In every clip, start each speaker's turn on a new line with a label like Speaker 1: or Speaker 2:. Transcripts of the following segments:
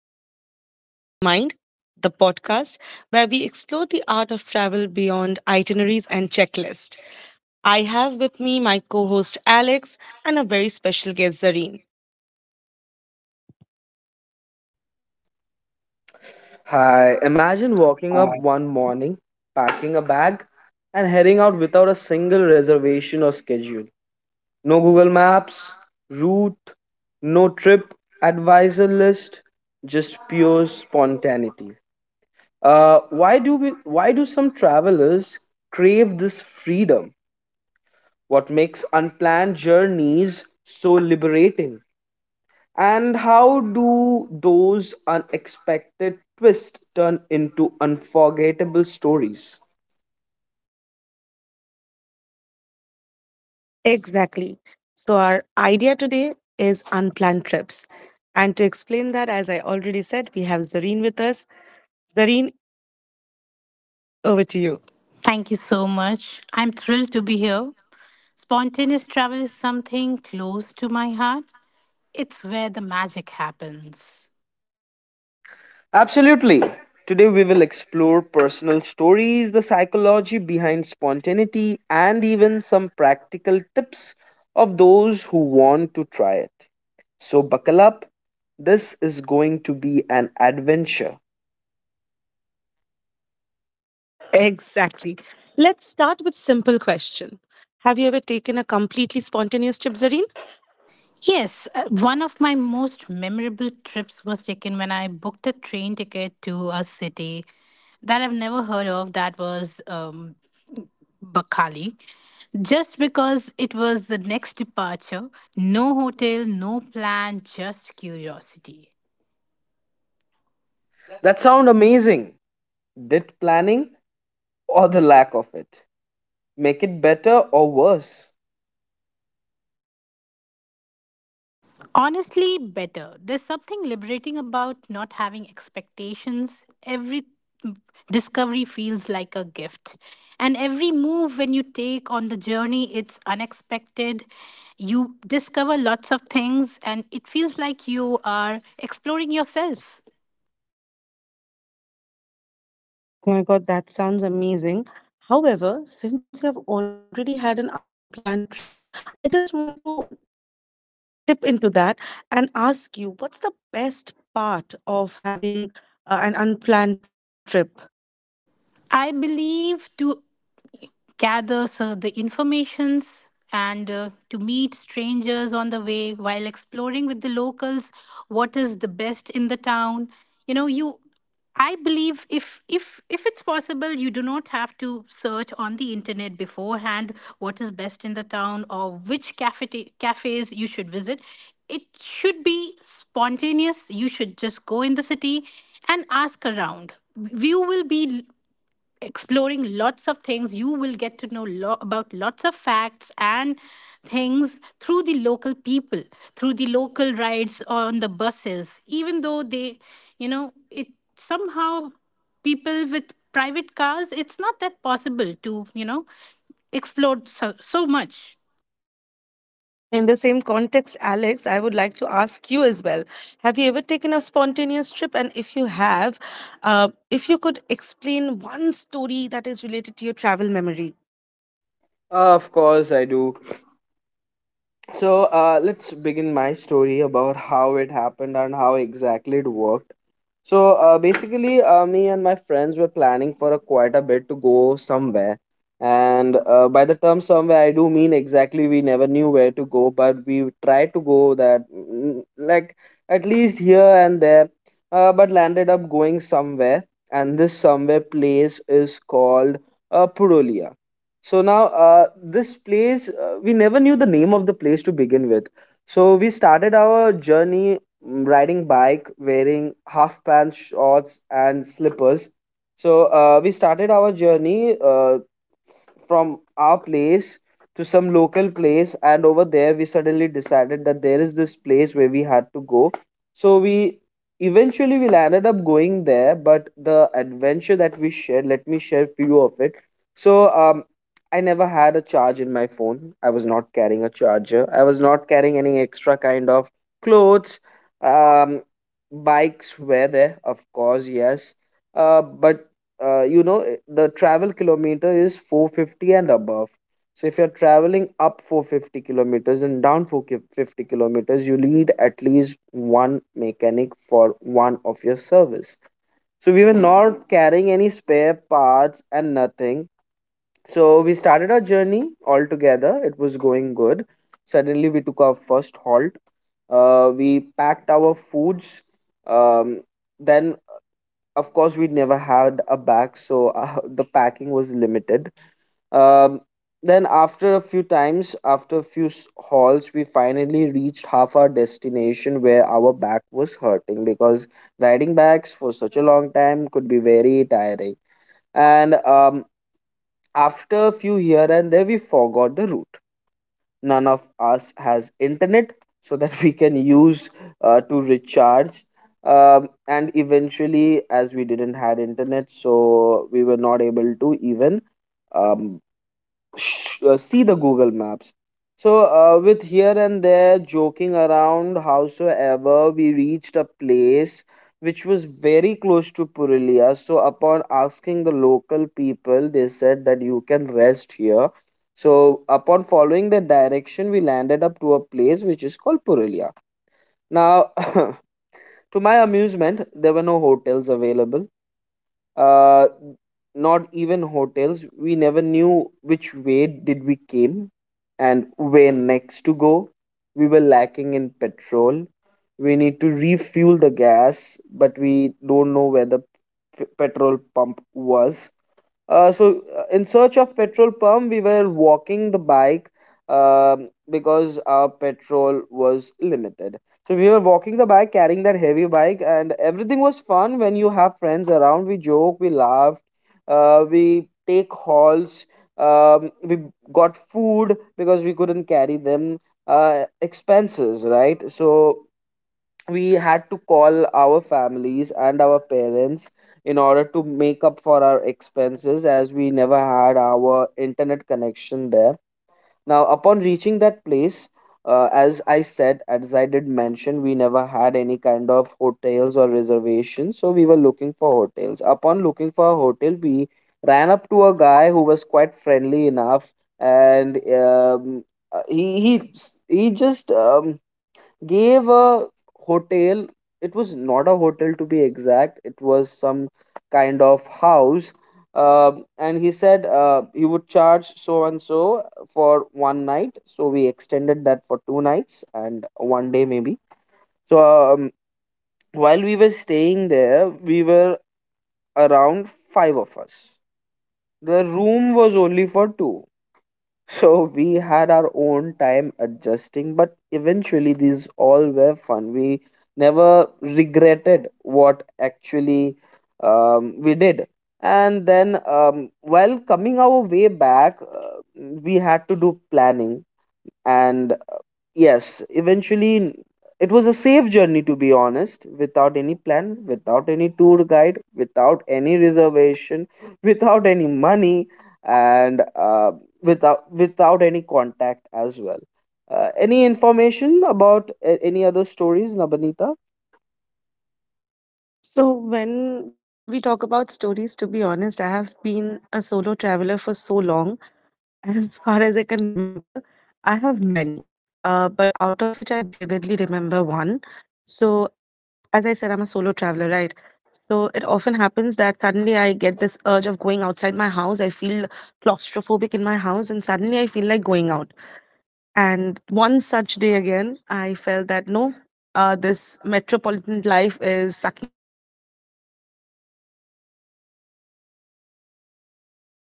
Speaker 1: Welcome to Wanderer's Mind, the podcast where we explore the art of travel beyond itineraries and checklists. I have with me my co host Alex and a very special guest, Zareen.
Speaker 2: Hi, imagine walking up one morning, packing a bag, and heading out without a single reservation or schedule. No Google Maps, route, no trip advisor list, just pure spontaneity. Why do we? Why do some travelers crave this freedom? What makes unplanned journeys so liberating? And how do those unexpected twists turn into unforgettable stories?
Speaker 1: Exactly. So, our idea today is unplanned trips. And to explain that, as I already said, we have Zareen with us. Zareen, over to you.
Speaker 3: Thank you so much. I'm thrilled to be here. Spontaneous travel is something close to my heart. It's where the magic happens.
Speaker 2: Absolutely. Today, we will explore personal stories, the psychology behind spontaneity, and even some practical tips of those who want to try it. So, buckle up. This is going to be an adventure.
Speaker 1: Exactly. Let's start with simple question. Have you ever taken a completely spontaneous trip, Zareen?
Speaker 3: Yes, one of my most memorable trips was taken when I booked a train ticket to a city that I've never heard of. That was Bakali, just because it was the next departure. No hotel, no plan, just curiosity.
Speaker 2: That sound amazing. Did planning or the lack of it make it better or worse?
Speaker 3: Honestly, better. There's something liberating about not having expectations. Every discovery feels like a gift. And every move when you take on the journey, it's unexpected. You discover lots of things, and it feels like you are exploring yourself.
Speaker 1: Oh my god, that sounds amazing. However, since you have already had an unplanned trip, I just want to tip into that and ask you what's the best part of having an unplanned trip?
Speaker 3: I believe to gather so the informations and to meet strangers on the way, while exploring with the locals what is the best in the town. You I believe, if if it's possible, you do not have to search on the internet beforehand what is best in the town, or which cafes you should visit. It should be spontaneous. You should just go in the city and ask around. You will be exploring lots of things. You will get to know about lots of facts and things through the local people, through the local rides on the buses. Even though they, you know, it somehow, people with private cars, it's not that possible to, you know, explore so much.
Speaker 1: In the same context, Alex, I would like to ask you as well. Have you ever taken a spontaneous trip? And if you have, if you could explain one story that is related to your travel memory.
Speaker 2: Of course, I do. So, let's begin my story about how it happened and how exactly it worked. Me and my friends were planning for a quite a bit to go somewhere. And by the term somewhere, I do mean exactly we never knew where to go, but we tried to go that like at least here and there, but landed up going somewhere. And this somewhere place is called Purulia. So now, this place, we never knew the name of the place to begin with. So we started our journey riding bike wearing half pants shorts and slippers, so we started our journey from our place to some local place, and over there we suddenly decided that there is this place where we had to go, so we eventually we landed up going there. But the adventure that we shared, let me share few of it. So um i never had a charge in my phone. I was not carrying a charger. I was not carrying any extra kind of clothes. um Bikes were there, of course, yes, but you know, the travel kilometer is 450 and above. So if you're traveling up 450 kilometers and down 450 kilometers, you need at least one mechanic for one of your service, so we were not carrying any spare parts and nothing. So we started our journey all together. It was going good. Suddenly we took our first halt. We packed our foods, um, then of course we never had a bag, so the packing was limited. um, then after a few times, after a few s- hauls, we finally reached half our destination where our back was hurting because riding backs for such a long time could be very tiring. And after a few here and there, we forgot the route. None of us has internet so that we can use to recharge. And eventually, as we didn't had internet, so we were not able to even, um, see the Google Maps. So, with here and there joking around, howsoever, we reached a place which was very close to Purulia. So, upon asking the local people, they said that you can rest here. So, upon following the direction, we landed up to a place which is called Purulia. Now, to my amusement, there were no hotels available, uh, not even hotels. We never knew which way did we came and where next to go. We were lacking in petrol. We need to refuel the gas, but we don't know where the petrol pump was. In search of petrol pump, we were walking the bike, because our petrol was limited. So we were walking the bike, carrying that heavy bike, and everything was fun when you have friends around. We joke, we laughed, we take hauls, we got food because we couldn't carry them. Expenses, right? So we had to call our families and our parents in order to make up for our expenses as we never had our internet connection there. Now, upon reaching that place, as I said, as I did mention, we never had any kind of hotels or reservations, so we were looking for hotels. Upon looking for a hotel, we ran up to a guy who was quite friendly enough, and uh, he he he just gave a hotel. It was not a hotel to be exact. It was some kind of house. And he said he would charge so and so for one night. So we extended that for two nights and one day maybe. So um, while we were staying there, we were around five of us. The room was only for two. So we had our own time adjusting, but eventually these all were fun. We never regretted what actually we did. And then, while coming our way back, we had to do planning. And Yes, Eventually it was a safe journey to be honest, without any plan, without any tour guide, without any reservation, without any money, and without any contact as well. Any information about any other stories, Nabanita?
Speaker 1: So, when we talk about stories, to be honest, I have been a solo traveler for so long. As far as I can remember, I have many, but out of which I vividly remember one. So, as I said, I'm a solo traveler, right? So it often happens that suddenly I get this urge of going outside my house. I feel claustrophobic in my house, and suddenly I feel like going out. And one such day again, I felt that no, this metropolitan life is sucking me in, and I don't want to be here. I just want to step out of the house and I just want to enjoy.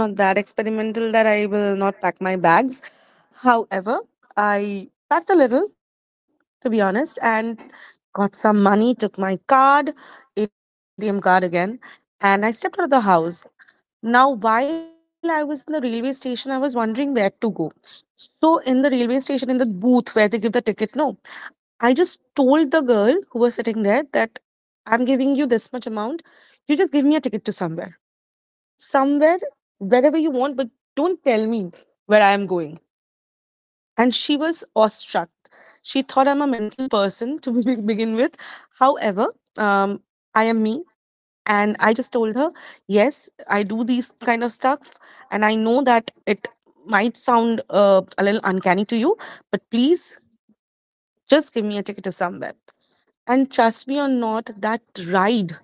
Speaker 1: I'm not that experimental that I will not pack my bags. However, I packed a little, to be honest, and got some money, took my card, ATM card again, and I stepped out of the house. Now, while I was in the railway station, I was wondering where to go. So, in the railway station, in the booth where they give the ticket, no, I just told the girl who was sitting there that I'm giving you this much amount. You just give me a ticket to somewhere, somewhere, wherever you want, but don't tell me where I am going and she was awestruck. She thought I'm a mental person to be- begin with. However, um, I am me. And I just told her, yes, I do these kind of stuff. And I know that it might sound a little uncanny to you, but please just give me a ticket to somewhere. And trust me or not, that ride,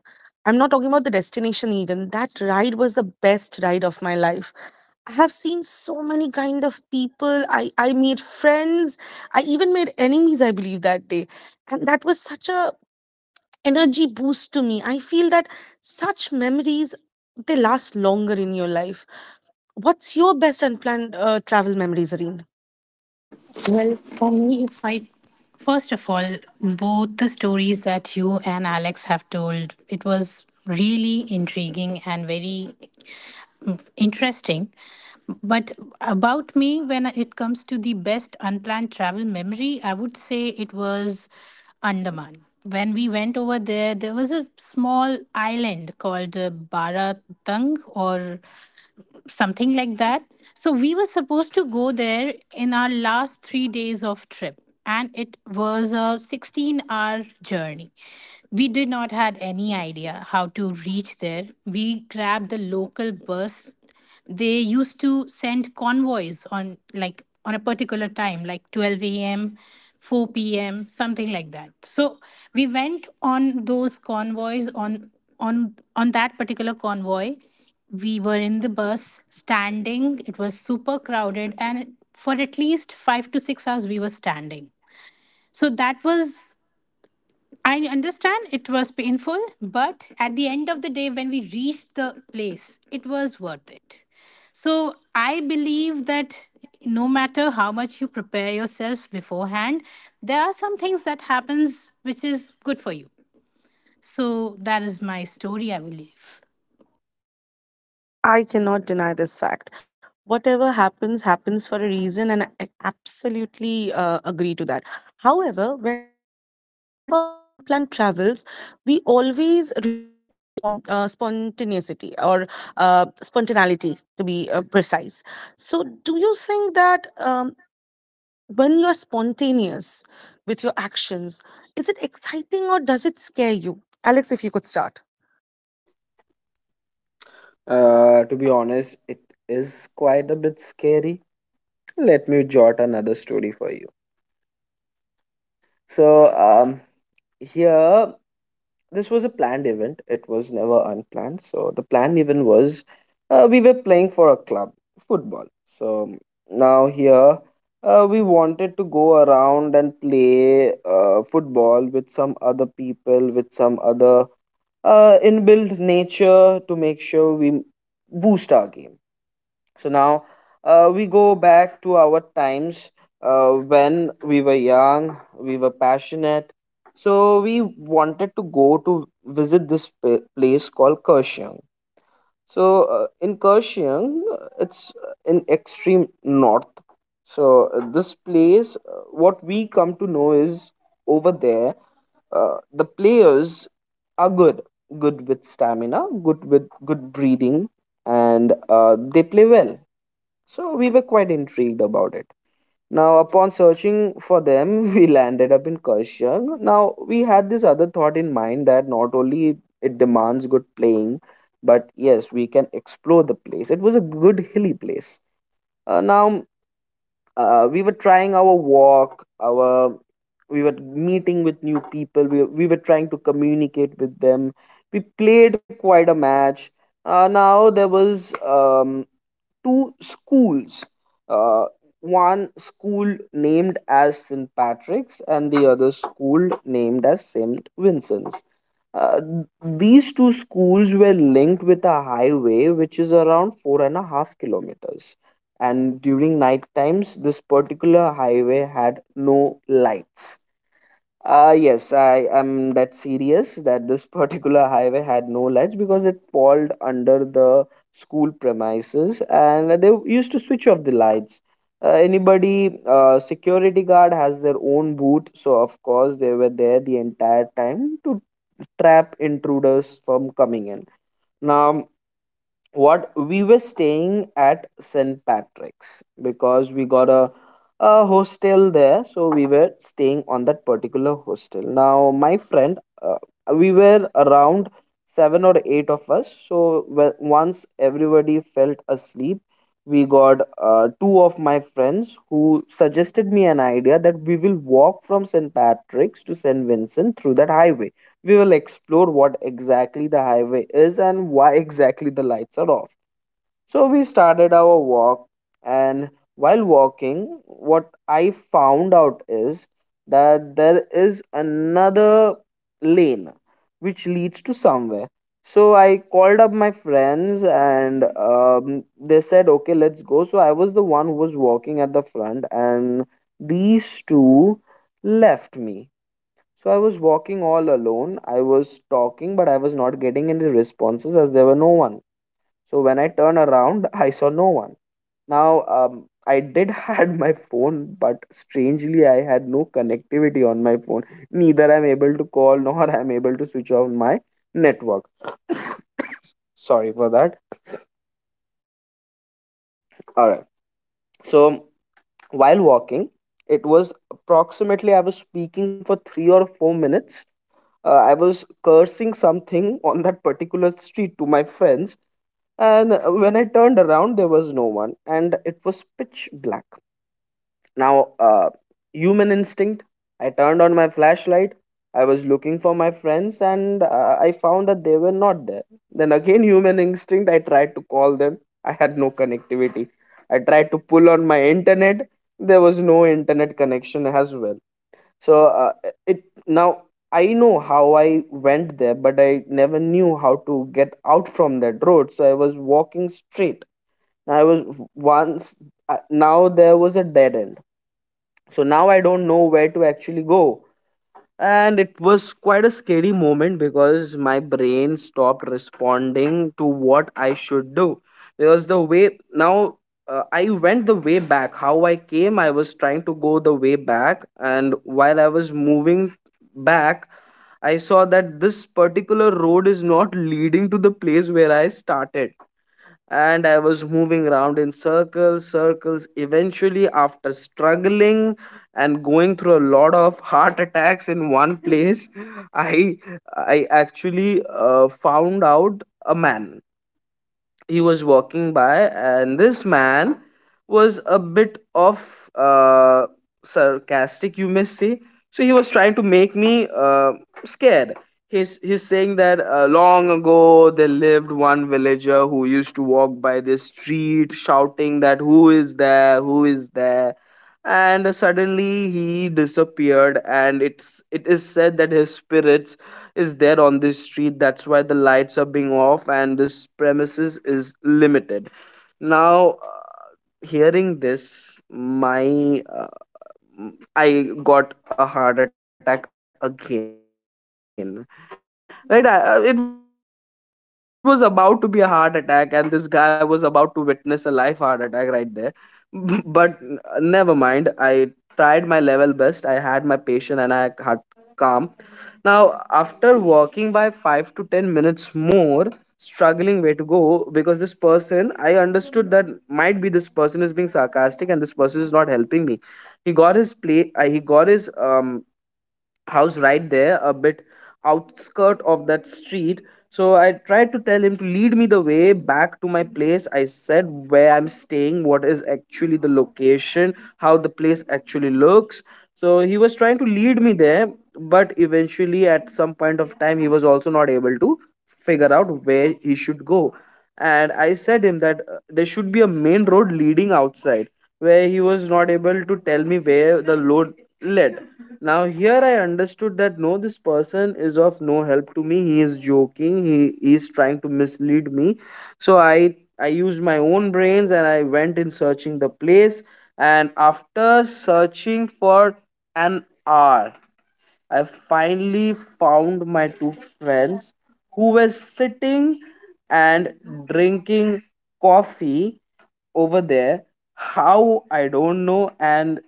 Speaker 1: I'm not talking about the destination even, that ride was the best ride of my life. I have seen so many kind of people. I made friends. I even made enemies, I believe, that day. And that was such a energy boost to me. I feel that such memories, they last longer in your life. What's your best unplanned travel memories, Areen?
Speaker 3: Well, for me, if I, first of all, both the stories that you and Alex have told, it was really intriguing and very interesting. But about me, when it comes to the best unplanned travel memory, I would say it was Andaman. When we went over there, there was a small island called Baratang or something like that. So we were supposed to go there in our last 3 days of trip, and it was a 16-hour journey. We did not had any idea how to reach there. We grabbed the local bus. They used to send convoys on, like, on a particular time, like 12 a.m., 4 p.m., something like that. So we went on those convoys on that particular convoy. We were in the bus standing. It was super crowded, and for at least 5 to 6 hours, we were standing. So that was, I understand it was painful, but at the end of the day, when we reached the place, it was worth it. So I believe that no matter how much you prepare yourself beforehand, there are some things that happens which is good for you. So that is my story, I believe.
Speaker 1: I cannot deny this fact. Whatever happens, happens for a reason, and I absolutely agree to that. However, when we talk about unplanned travels, we always relate it to spontaneity or spontaneity, to be precise. So, do you think that when you're spontaneous with your actions, is it exciting or does it scare you? Alex, if you could start.
Speaker 2: To be honest, it is quite a bit scary. Let me jot another story for you. So um, Here, this was a planned event. It was never unplanned. So the planned event was, we were playing for a club football. So now here, we wanted to go around and play football with some other people, with some other inbuilt nature to make sure we boost our game. So now, we go back to our times, when we were young, we were passionate. So we wanted to go to visit this place called Kaohsiung. So in Kaohsiung, it's in extreme north. So this place, what we come to know is, over there, the players are good, good with stamina, good with good breathing, and they play well, so we were quite intrigued about it. Now, upon searching for them, we landed up in Kashyang. Now, we had this other thought in mind that not only it demands good playing, but yes, we can explore the place. It was a good hilly place. Uh, now, we were trying our walk, our we were meeting with new people. We were trying to communicate with them. We played quite a match. Now there was two schools. Uh, One school named as St. Patrick's and the other school named as St. Vincent's. Uh, these two schools were linked with a highway which is around 4.5 kilometers. And during night times, this particular highway had no lights. Yes, I am that serious that this particular highway had no lights because it falls under the school premises and they used to switch off the lights. Anybody, security guard has their own booth, so of course they were there the entire time to trap intruders from coming in. Now, what we were staying at St. Patrick's because we got a hostel there, so we were staying on that particular hostel. Now, my friend, we were around seven or eight of us, so once everybody felt asleep, we got two of my friends who suggested me an idea that we will walk from St. Patrick's to St. Vincent through that highway. We will explore what exactly the highway is and why exactly the lights are off. So we started our walk, and while walking, what I found out is that there is another lane which leads to somewhere. So I called up my friends and they said, okay, let's go. So I was the one who was walking at the front, and these two left me, so I was walking all alone. I was talking, but I was not getting any responses as there were no one. So when I turned around, I saw no one. Now, I did had my phone, but strangely, I had no connectivity on my phone. Neither I'm able to call nor I'm able to switch on my network. Sorry for that. All right. So while walking, it was approximately I was speaking for three or four minutes. I was cursing something on that particular street to my friends. And when I turned around, there was no one, and it was pitch black. Now, human instinct, I turned on my flashlight. I was looking for my friends, and I found that they were not there. Then again, human instinct, I tried to call them. I had no connectivity. I tried to pull on my internet. There was no internet connection as well. So it now I know how I went there, but I never knew how to get out from that road. So I was walking straight. I was once Now there was a dead end. So now I don't know where to actually go. And it was quite a scary moment because my brain stopped responding to what I should do. Because the way now I went the way back, how I came, I was trying to go the way back. And while I was moving back, I saw that this particular road is not leading to the place where I started, and I was moving around in circles, circles. Eventually, after struggling and going through a lot of heart attacks in one place, I I actually found out a man. He was walking by, and this man was a bit of uh, sarcastic, you may say. So he was trying to make me scared. He's saying that long ago there lived one villager who used to walk by this street shouting that, "Who is there? Who is there?" And suddenly he disappeared, and it is said that his spirit is there on this street, that's why the lights are being off and this premises is limited. Now hearing this, my I got a heart attack again. Right, it was about to be a heart attack, and this guy was about to witness a live heart attack right there. but n- never mind. I tried my level best. I had my patience and I had calm. Now, after walking by 5 to 10 minutes more, struggling way to go, because this person, I understood that might be this person is being sarcastic and this person is not helping me. He got his play. He got his house right there a bit outskirt of that street. So I tried to tell him to lead me the way back to my place. I said where I'm staying, what is actually the location, how the place actually looks. So he was trying to lead me there, but eventually at some point of time he was also not able to figure out where he should go. And I said him that there should be a main road leading outside, where he was not able to tell me where the load led. Now here I understood that no, this person is of no help to me. He is joking. He is trying to mislead me. So I used my own brains and I went in searching the place. And after searching for an hour, I finally found my two friends who were sitting and drinking coffee over there. How, I don't know. And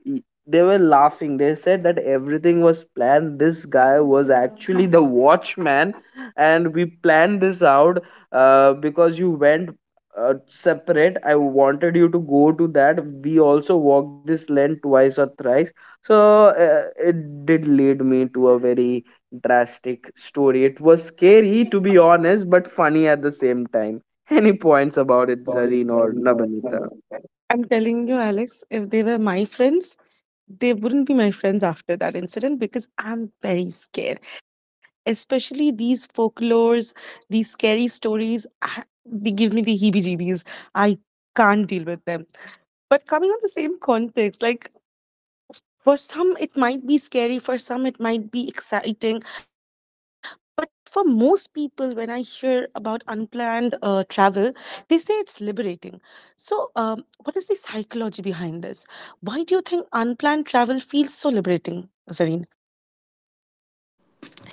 Speaker 2: they were laughing. They said that everything was planned. This guy was actually the watchman, and we planned this out. Because you went separate, I wanted you to go to that. We also walked this lane twice or thrice. So uh, it did lead me to a very drastic story. It was scary, to be honest, but funny at the same time. Any points about it,
Speaker 1: About it
Speaker 2: Zareen or
Speaker 1: doesn't know not
Speaker 2: Nabanita?
Speaker 1: themselves. I'm telling you, Alex, if they were my friends, they wouldn't be my friends after that incident because I'm very scared. Especially these folklores, these scary stories, I- they give me the heebie jeebies. I can't deal with them. But coming on the same context, like for some, it might be scary, for some, it might be exciting. But for most people, when I hear about unplanned travel, they say it's liberating. So, what is the psychology behind this? Why do you think unplanned travel feels so liberating, Zareen?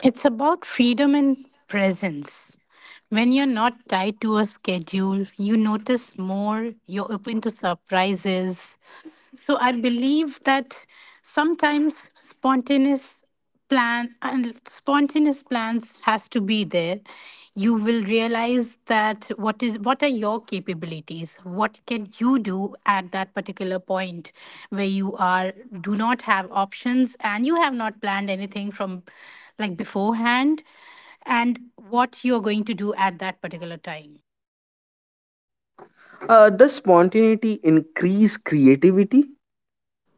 Speaker 3: It's about freedom and presence. When you're not tied to a schedule, you notice more, you're open to surprises. So I believe that sometimes spontaneous plan and spontaneous plans has to be there. You will realize that what are your capabilities. What can you do at that particular point where you are do not have options and you have not planned anything from, like, beforehand, and what you're going to do at that particular time.
Speaker 2: Does spontaneity increase creativity?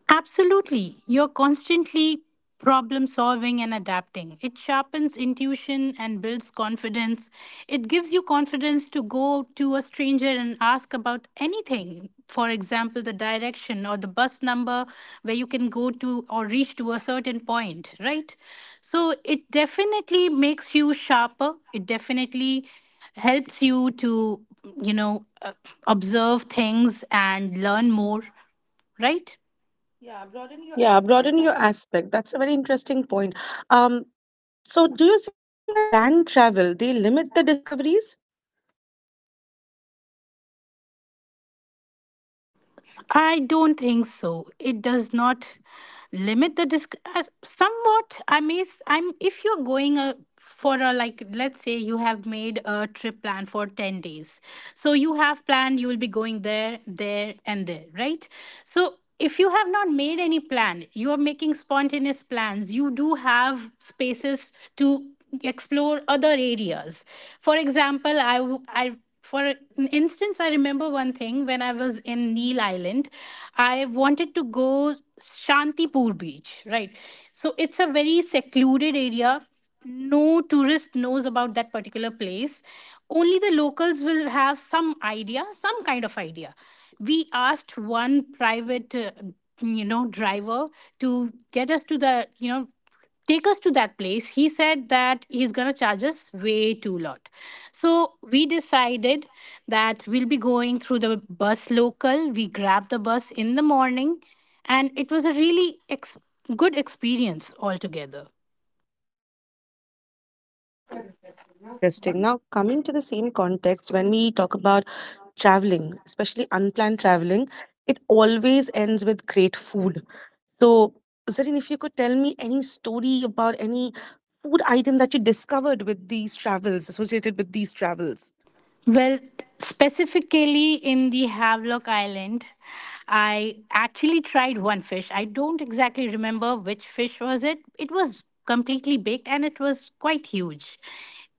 Speaker 3: Absolutely. You're constantly problem solving and adapting. It sharpens intuition and builds confidence. It gives you confidence to go to a stranger and ask about anything. For example, the direction or the bus number where you can go to or reach to a certain point, right? So it definitely makes you sharper. It definitely helps you to, you know, observe things and learn more, right?
Speaker 1: Yeah, broaden your aspect. That's a very interesting point. Um, so, do you think that planned travel they limit the discoveries?
Speaker 3: I don't think so. It does not limit the disc somewhat. I mean, I'm, if you're going a, for a, like, let's say you have made a trip plan for 10 days, so you have planned you will be going there, there, and there, right? So if you have not made any plan, you are making spontaneous plans. You do have spaces to explore other areas. For example, I for an instance, I remember one thing. When I was in Neil Island, I wanted to go Shantipur Beach, right? So it's a very secluded area. No tourist knows about that particular place. Only the locals will have some idea, some kind of idea. We asked one private, you know, driver to get us to the, you know, take us to that place. He said that he's going to charge us way too lot. So we decided that we'll be going through the bus local. We grabbed the bus in the morning, and it was a really good experience altogether.
Speaker 1: Quite interesting. Now, coming to the same context, when we talk about traveling, especially unplanned traveling, it always ends with great food. So, Zarin, if you could tell me any story about any food item that you discovered with these travels, associated with these travels.
Speaker 3: Well, specifically in the Havelock Island, I actually tried one fish. I don't exactly remember which fish was it. It was completely baked and it was quite huge.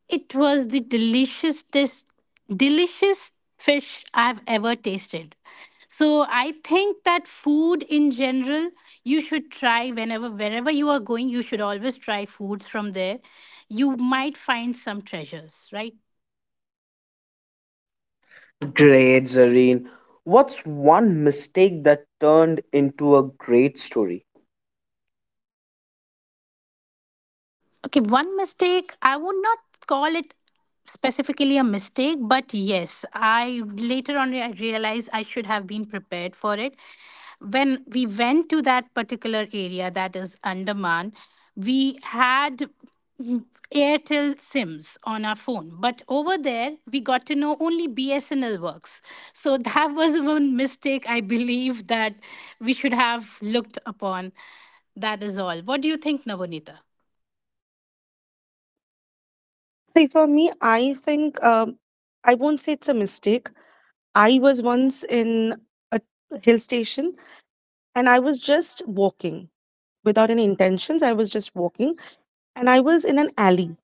Speaker 3: It was the delicious fish I've ever tasted. So I think that food in general, you should try. Whenever wherever you are going, you should always try foods from there. You might find some treasures, right?
Speaker 2: Great, Zareen. What's one mistake that turned into a great story?
Speaker 3: Okay, one mistake, I would not call it specifically a mistake, but yes, I later on I realized I should have been prepared for it. When we went to that particular area, that is Andaman, we had mm, Airtel SIMs on our phone, but over there we got to know only BSNL works. So that was one mistake I believe that we should have looked upon. That is all. What do you think, Navonita?
Speaker 1: See, for me, I think I won't say it's a mistake. I was once in a hill station and I was just walking without any intentions. I was just walking and I was in an alley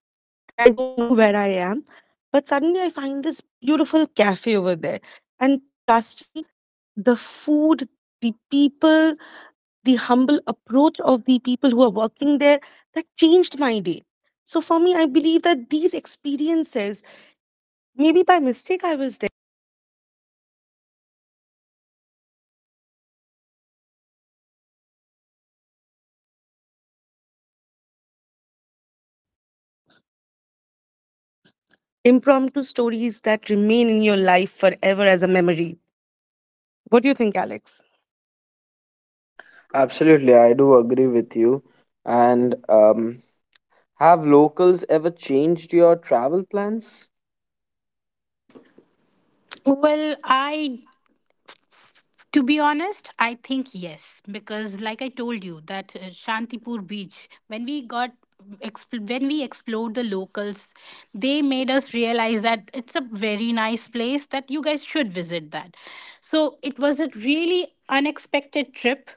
Speaker 1: and I don't know where I am. But suddenly I find this beautiful cafe over there. And trust me, the food, the people, the humble approach of the people who are working there, that changed my day. So for me, I believe that these experiences, maybe by mistake I was there impromptu stories that remain in your life forever as a memory. What do you think, Alex?
Speaker 2: Absolutely, I do agree with you. And have locals ever changed your travel plans?
Speaker 3: Well, I, to be honest, I think yes, because like I told you that Shantipur beach, when we got when we explored the locals, they made us realize that it's a very nice place that you guys should visit that. So it was a really unexpected trip,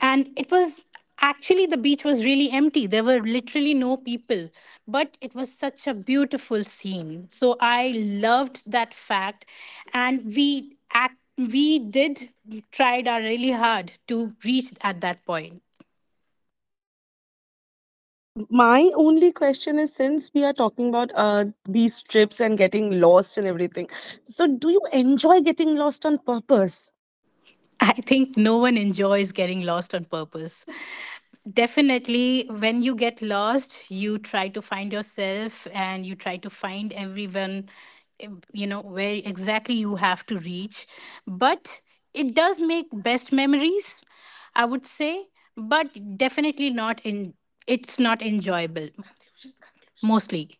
Speaker 3: and it was actually, the beach was really empty. There were literally no people, but it was such a beautiful scene. So I loved that fact, and we did tried our really hard to reach at that point.
Speaker 1: My only question is since we are talking about these trips and getting lost and everything, so do you enjoy getting lost on purpose?
Speaker 3: I think no one enjoys getting lost on purpose. Definitely, when you get lost, you try to find yourself and you try to find everyone, eh, you know, where exactly you have to reach. But it does make best memories, I would say, but definitely not in, it's not enjoyable mostly.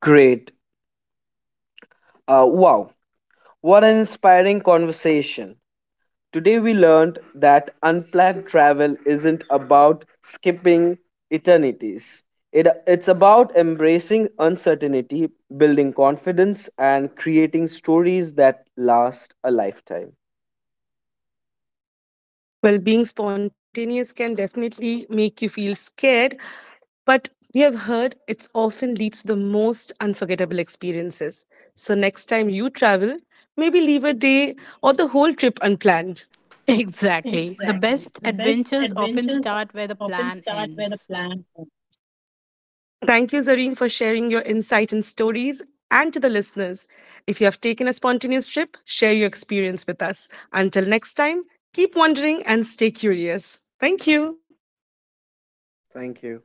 Speaker 2: Great. Wow, what an inspiring conversation. Today we learned that unplanned travel isn't about skipping eternities. It's about embracing uncertainty, building confidence, and creating stories that last a lifetime.
Speaker 1: Well, being spontaneous can definitely make you feel scared, but we have heard it often leads to the most unforgettable experiences. So next time you travel, maybe leave a day or the whole trip unplanned.
Speaker 3: Exactly. The best adventures often
Speaker 1: Adventures
Speaker 3: start
Speaker 1: often
Speaker 3: where the
Speaker 1: start where
Speaker 3: plan ends.
Speaker 1: Thank you, Zareen, for sharing your insight and stories. And to the listeners, if you have taken a spontaneous trip, share your experience with us. Until next time, keep wandering and stay curious. Thank you.
Speaker 2: Thank you.